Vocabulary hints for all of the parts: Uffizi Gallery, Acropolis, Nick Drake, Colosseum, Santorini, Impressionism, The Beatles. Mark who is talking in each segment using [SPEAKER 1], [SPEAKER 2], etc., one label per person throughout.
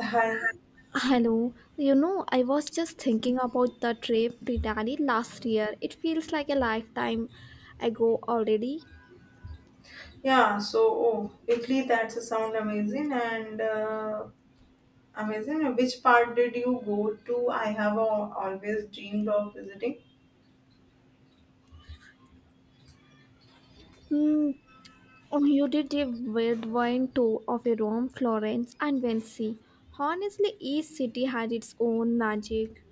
[SPEAKER 1] Hi.
[SPEAKER 2] Hello, you know, I was just thinking about the trip to Italy last year. It feels like a lifetime ago already.
[SPEAKER 1] Yeah. Italy. That's a sound amazing. And amazing. Which part did you go to? Always dreamed of visiting.
[SPEAKER 2] Hmm. Oh, You did a whirlwind tour of Rome, Florence, and Venice. Honestly, each city had its own magic.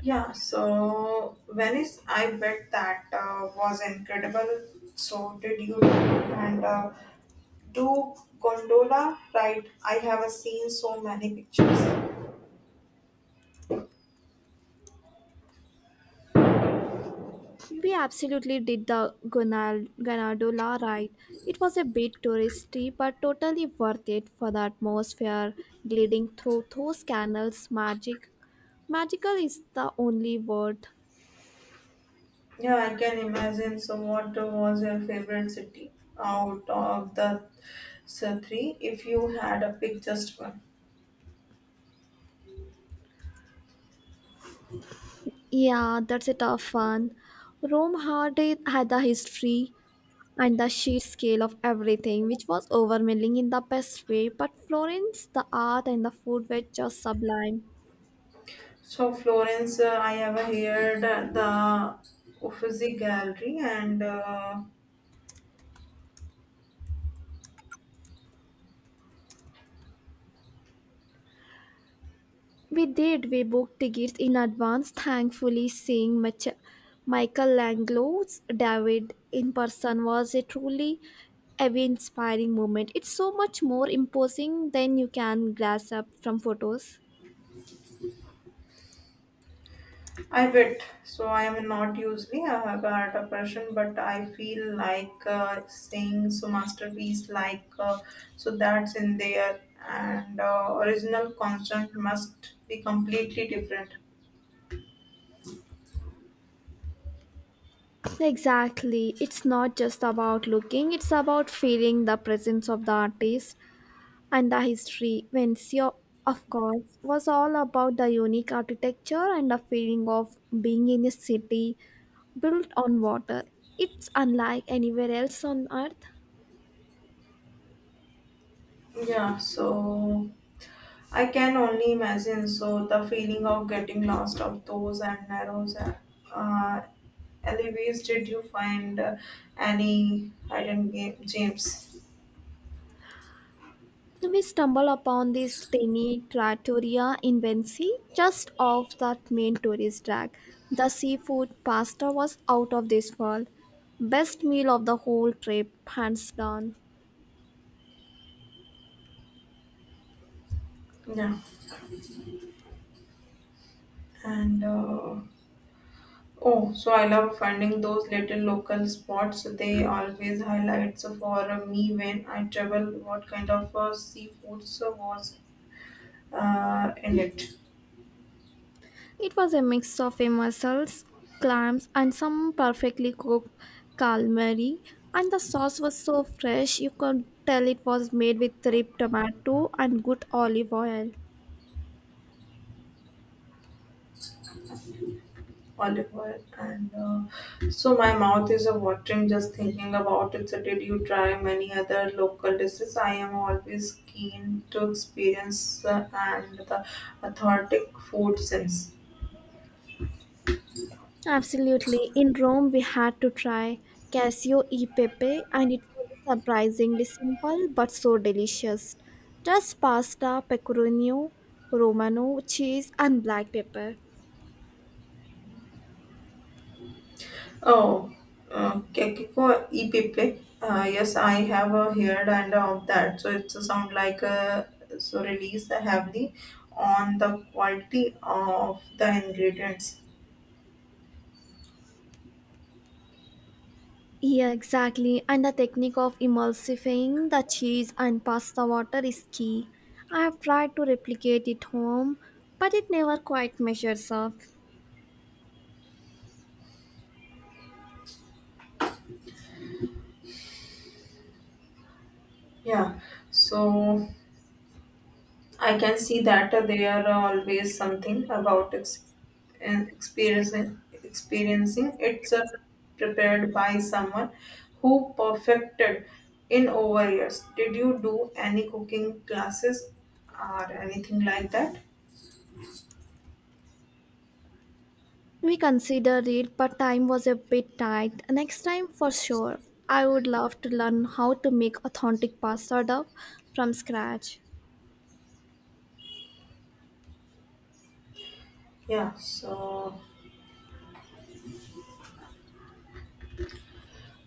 [SPEAKER 1] Yeah. So Venice. I bet that was incredible. So did you and do gondola ride? I have seen so many pictures.
[SPEAKER 2] We absolutely did the Ganadola ride. It was a bit touristy, but totally worth it for the atmosphere gliding through those canals. Magical is the only word.
[SPEAKER 1] Yeah, I can imagine. So, what was your favorite city out of the three? If you had a pick just one.
[SPEAKER 2] Yeah, that's a tough one. Rome had the history and the sheer scale of everything, which was overwhelming in the best way. But Florence, the art and the food were just sublime.
[SPEAKER 1] So, Florence, I ever heard the Uffizi Gallery, and
[SPEAKER 2] We did. We booked tickets in advance, thankfully, seeing Michelangelo's David in person was a truly awe inspiring moment. It's so much more imposing than you can glass up from photos.
[SPEAKER 1] I bet. So, I am not usually a art a person, but I feel like saying so masterpiece like so that's in there, and original constant must be completely different.
[SPEAKER 2] Exactly. It's not just about looking, it's about feeling the presence of the artist and the history. Vencio, of course, was all about the unique architecture and the feeling of being in a city built on water. It's unlike anywhere else on Earth.
[SPEAKER 1] Yeah, so I can only imagine. So the feeling of getting lost of those and narrows uh, anyways, did you find any hidden game, James?
[SPEAKER 2] We stumble upon this tiny trattoria in Venice, just off that main tourist track. The seafood pasta was out of this world. Best meal of the whole trip, hands down.
[SPEAKER 1] Yeah. And uh, oh, so I love finding those little local spots. They always highlights for me when I travel. What kind of seafoods was in it?
[SPEAKER 2] It was a mix of a mussels, clams, and some perfectly cooked calamari. And the sauce was so fresh, you could tell it was made with ripe tomato and good olive oil.
[SPEAKER 1] Olive oil and so my mouth is a watering just thinking about it. So did you try many other local dishes? I am always keen to experience and the authentic food sense.
[SPEAKER 2] Absolutely. In Rome, we had to try Casio e Pepe, and it was surprisingly simple but so delicious. Just pasta, pecorino, romano, cheese, and black pepper.
[SPEAKER 1] oh kekiko ipipe, yes, I have heard and of that. So it's a sound like a so release the heavily on the quality of the ingredients.
[SPEAKER 2] Yeah, exactly. And the technique of emulsifying the cheese and pasta water is key. I have tried to replicate it home, but it never quite measures up.
[SPEAKER 1] Yeah, so I can see that they are always something about experiencing. It's prepared by someone who perfected in over years. Did you do any cooking classes or anything like that?
[SPEAKER 2] We considered it, but time was a bit tight. Next time, for sure. I would love to learn how to make authentic pasta dough from scratch.
[SPEAKER 1] Yeah, so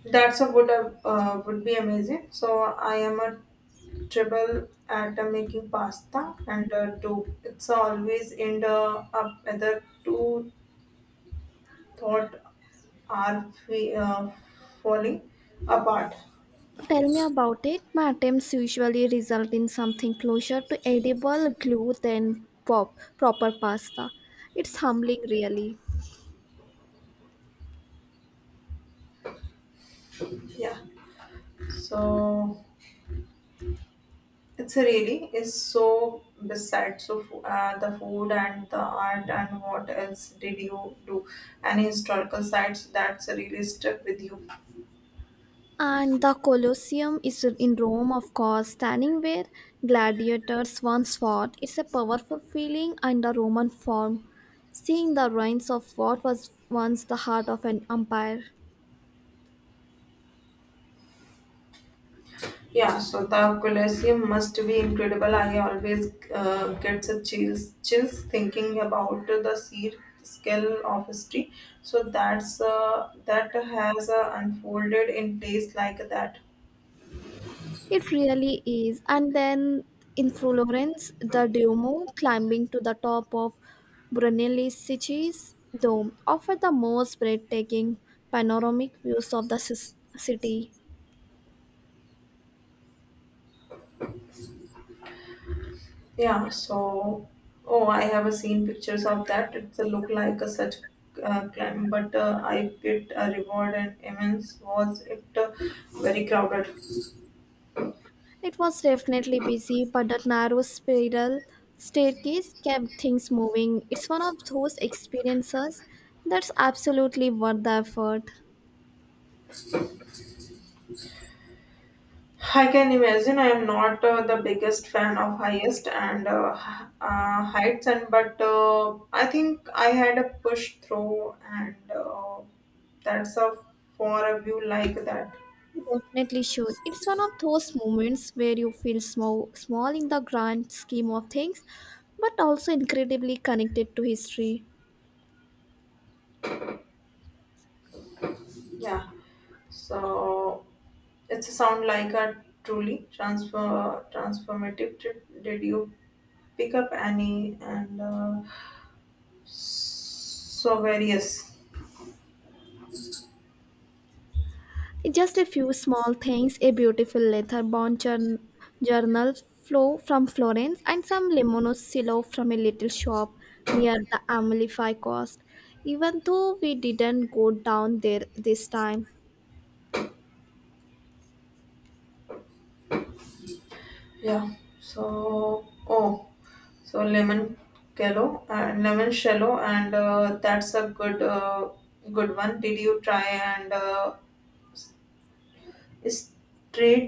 [SPEAKER 1] that's a would be amazing. So I am a triple at making pasta and dough. It's always end the up whether two thought are we, falling apart.
[SPEAKER 2] Tell me about it. My attempts usually result in something closer to edible glue than proper pasta. It's humbling, really.
[SPEAKER 1] Yeah. So it's really is so besides so the food and the art, and what else did you do? Any historical sites that's really stuck with you?
[SPEAKER 2] And the Colosseum is in Rome, of course, standing where gladiators once fought. It's a powerful feeling in the Roman form, seeing the ruins of what was once the heart of an empire.
[SPEAKER 1] Yeah. So the Colosseum must be incredible. I always get some chills thinking about the sheer scale of history. So that's that has unfolded in place like that.
[SPEAKER 2] It really is. And then in Florence, the Duomo, climbing to the top of Brunelleschi's dome, offered the most breathtaking panoramic views of the city.
[SPEAKER 1] Yeah, so oh, I have a seen pictures of that. It's a look like a such climb, but I bit a reward and immense. Was it very crowded?
[SPEAKER 2] It was definitely busy, but that narrow spiral staircase kept things moving. It's one of those experiences that's absolutely worth the effort.
[SPEAKER 1] I can imagine. I am not the biggest fan of highest and heights, and but I think I had a push through, and that's a for a view like that.
[SPEAKER 2] You Definitely should. It's one of those moments where you feel small in the grand scheme of things, but also incredibly connected to history.
[SPEAKER 1] Yeah. So it's a sound like a truly transfer transformative. Did you pick up any and so various?
[SPEAKER 2] Just a few small things a beautiful leather-bound journal flow from Florence and some Limoncello from a little shop near the Amalfi Coast. Even though we didn't go down there this time,
[SPEAKER 1] Yeah. So oh, so lemon kello and lemon shallow, and that's a good one. Did you try and straight,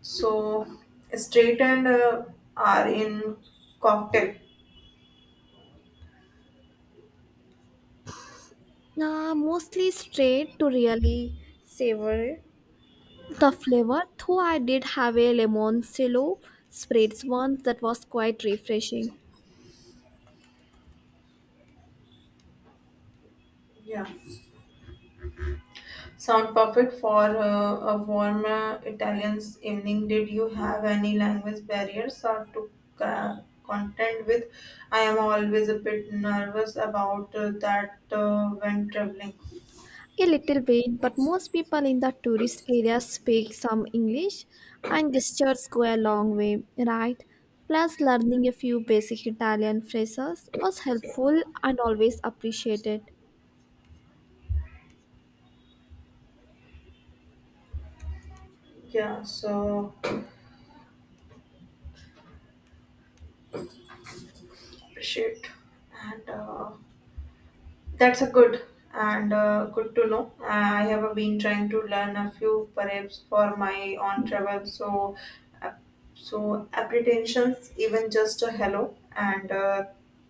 [SPEAKER 1] so straight, and are in cocktail?
[SPEAKER 2] mostly straight to really savor the flavor, though I did have a Limoncello spritz once that was quite refreshing.
[SPEAKER 1] Yeah. Sound perfect for a warm Italian evening. Did you have any language barriers or to uh, contend with? I am always a bit nervous about that when traveling.
[SPEAKER 2] A little bit, but most people in the tourist areas speak some English, and gestures go a long way, right? Plus, learning a few basic Italian phrases was helpful and always appreciated.
[SPEAKER 1] Yeah, so appreciate and. That's a good and good to know. I have been trying to learn a few perhaps for my own travel. So, uh, so apprehensions, even just a hello and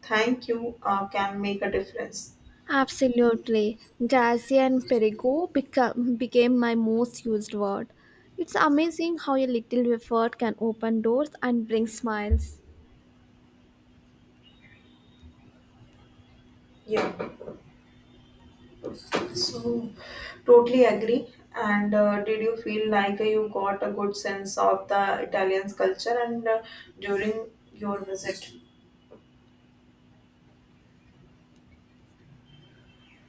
[SPEAKER 1] thank you can make a difference.
[SPEAKER 2] Absolutely. Grazie and Perigo became my most used word. It's amazing how a little effort can open doors and bring smiles.
[SPEAKER 1] Yeah. So, totally agree. And did you feel like you got a good sense of the Italian's culture and during your visit?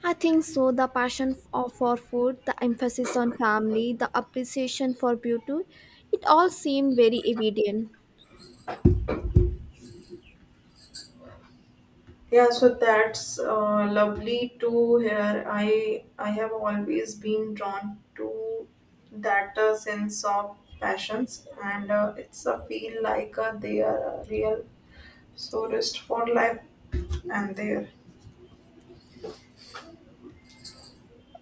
[SPEAKER 2] I think so. The passion for food, the emphasis on family, the appreciation for beauty, it all seemed very evident.
[SPEAKER 1] Yeah, so that's lovely to hear. I have always been drawn to that sense of passions, and it's a feel like they are a real source for life, and there.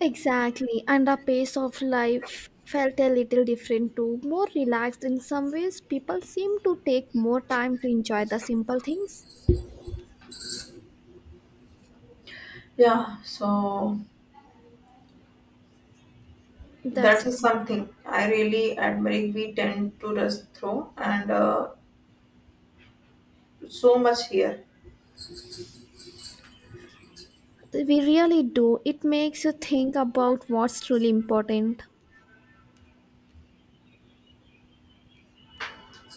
[SPEAKER 2] Exactly, and the pace of life felt a little different too. More relaxed in some ways, people seem to take more time to enjoy the simple things.
[SPEAKER 1] Yeah, so
[SPEAKER 2] That's
[SPEAKER 1] that is something I really admire. We tend to rush through, and so much here.
[SPEAKER 2] we really do. It makes you think about what's truly important.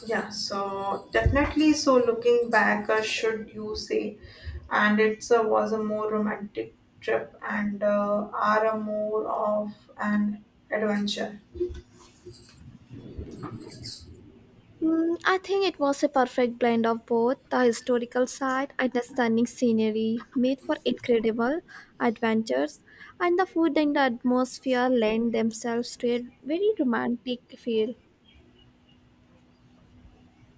[SPEAKER 1] Yeah, so definitely. So looking back, should you say, and it's was a more romantic trip, and are a more of an adventure.
[SPEAKER 2] Mm, I think it was a perfect blend of both the historical side and the stunning scenery made for incredible adventures, and the food and the atmosphere lend themselves to a very romantic feel.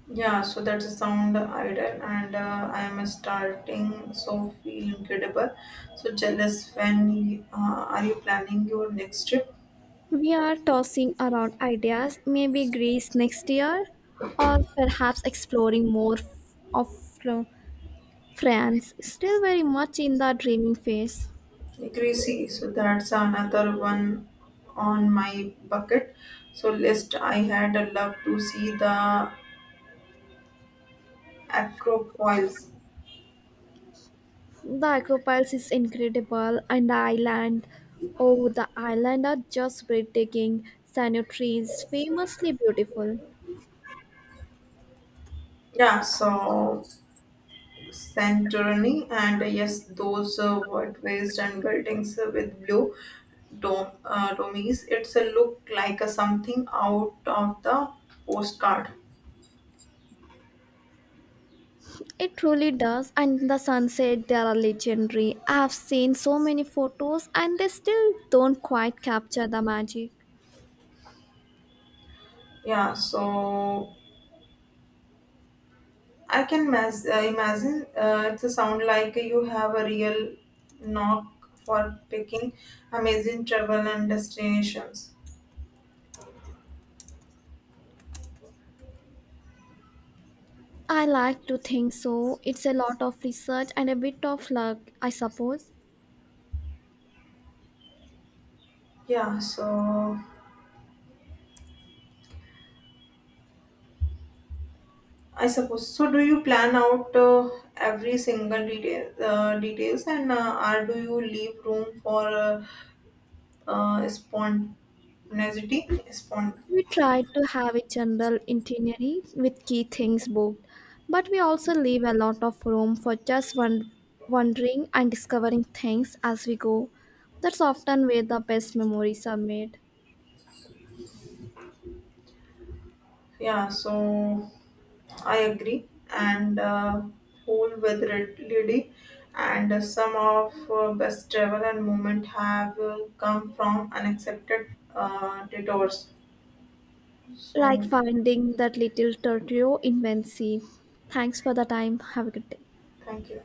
[SPEAKER 1] Yeah, so that's a sound idol, and I am starting so feel incredible. So jealous. Are you planning your next trip?
[SPEAKER 2] We are tossing around ideas, maybe Greece next year, or perhaps exploring more of France, still very much in the dreaming phase.
[SPEAKER 1] Greasy, so that's another one on my bucket. So list, I had a love to see the Acropolis.
[SPEAKER 2] The acropiles is incredible, and the island, oh, the island are just breathtaking. Sano trees, famously beautiful.
[SPEAKER 1] Yeah, so Santorini, and yes, those were raised and buildings with blue domes. It's a look like a something out of the postcard.
[SPEAKER 2] It truly does, and the sunset they are legendary. I've seen so many photos, and they still don't quite capture the magic.
[SPEAKER 1] Yeah, so I can imagine it's a sound like you have a real knock for picking amazing travel and destinations.
[SPEAKER 2] I like to think so. It's a lot of research and a bit of luck, I suppose.
[SPEAKER 1] Yeah, so I suppose. So, do you plan out every single details, and or do you leave room for spontaneity?
[SPEAKER 2] We tried to have a general itinerary with key things booked, but we also leave a lot of room for just wondering and discovering things as we go. That's often where the best memories are made,
[SPEAKER 1] Yeah. So, I agree, and whole with Red Lady, and some of best travel and movement have come from unaccepted detours.
[SPEAKER 2] like
[SPEAKER 1] So,
[SPEAKER 2] finding that little tortio in Venice. Thanks for the time. Have a good day.
[SPEAKER 1] thank you.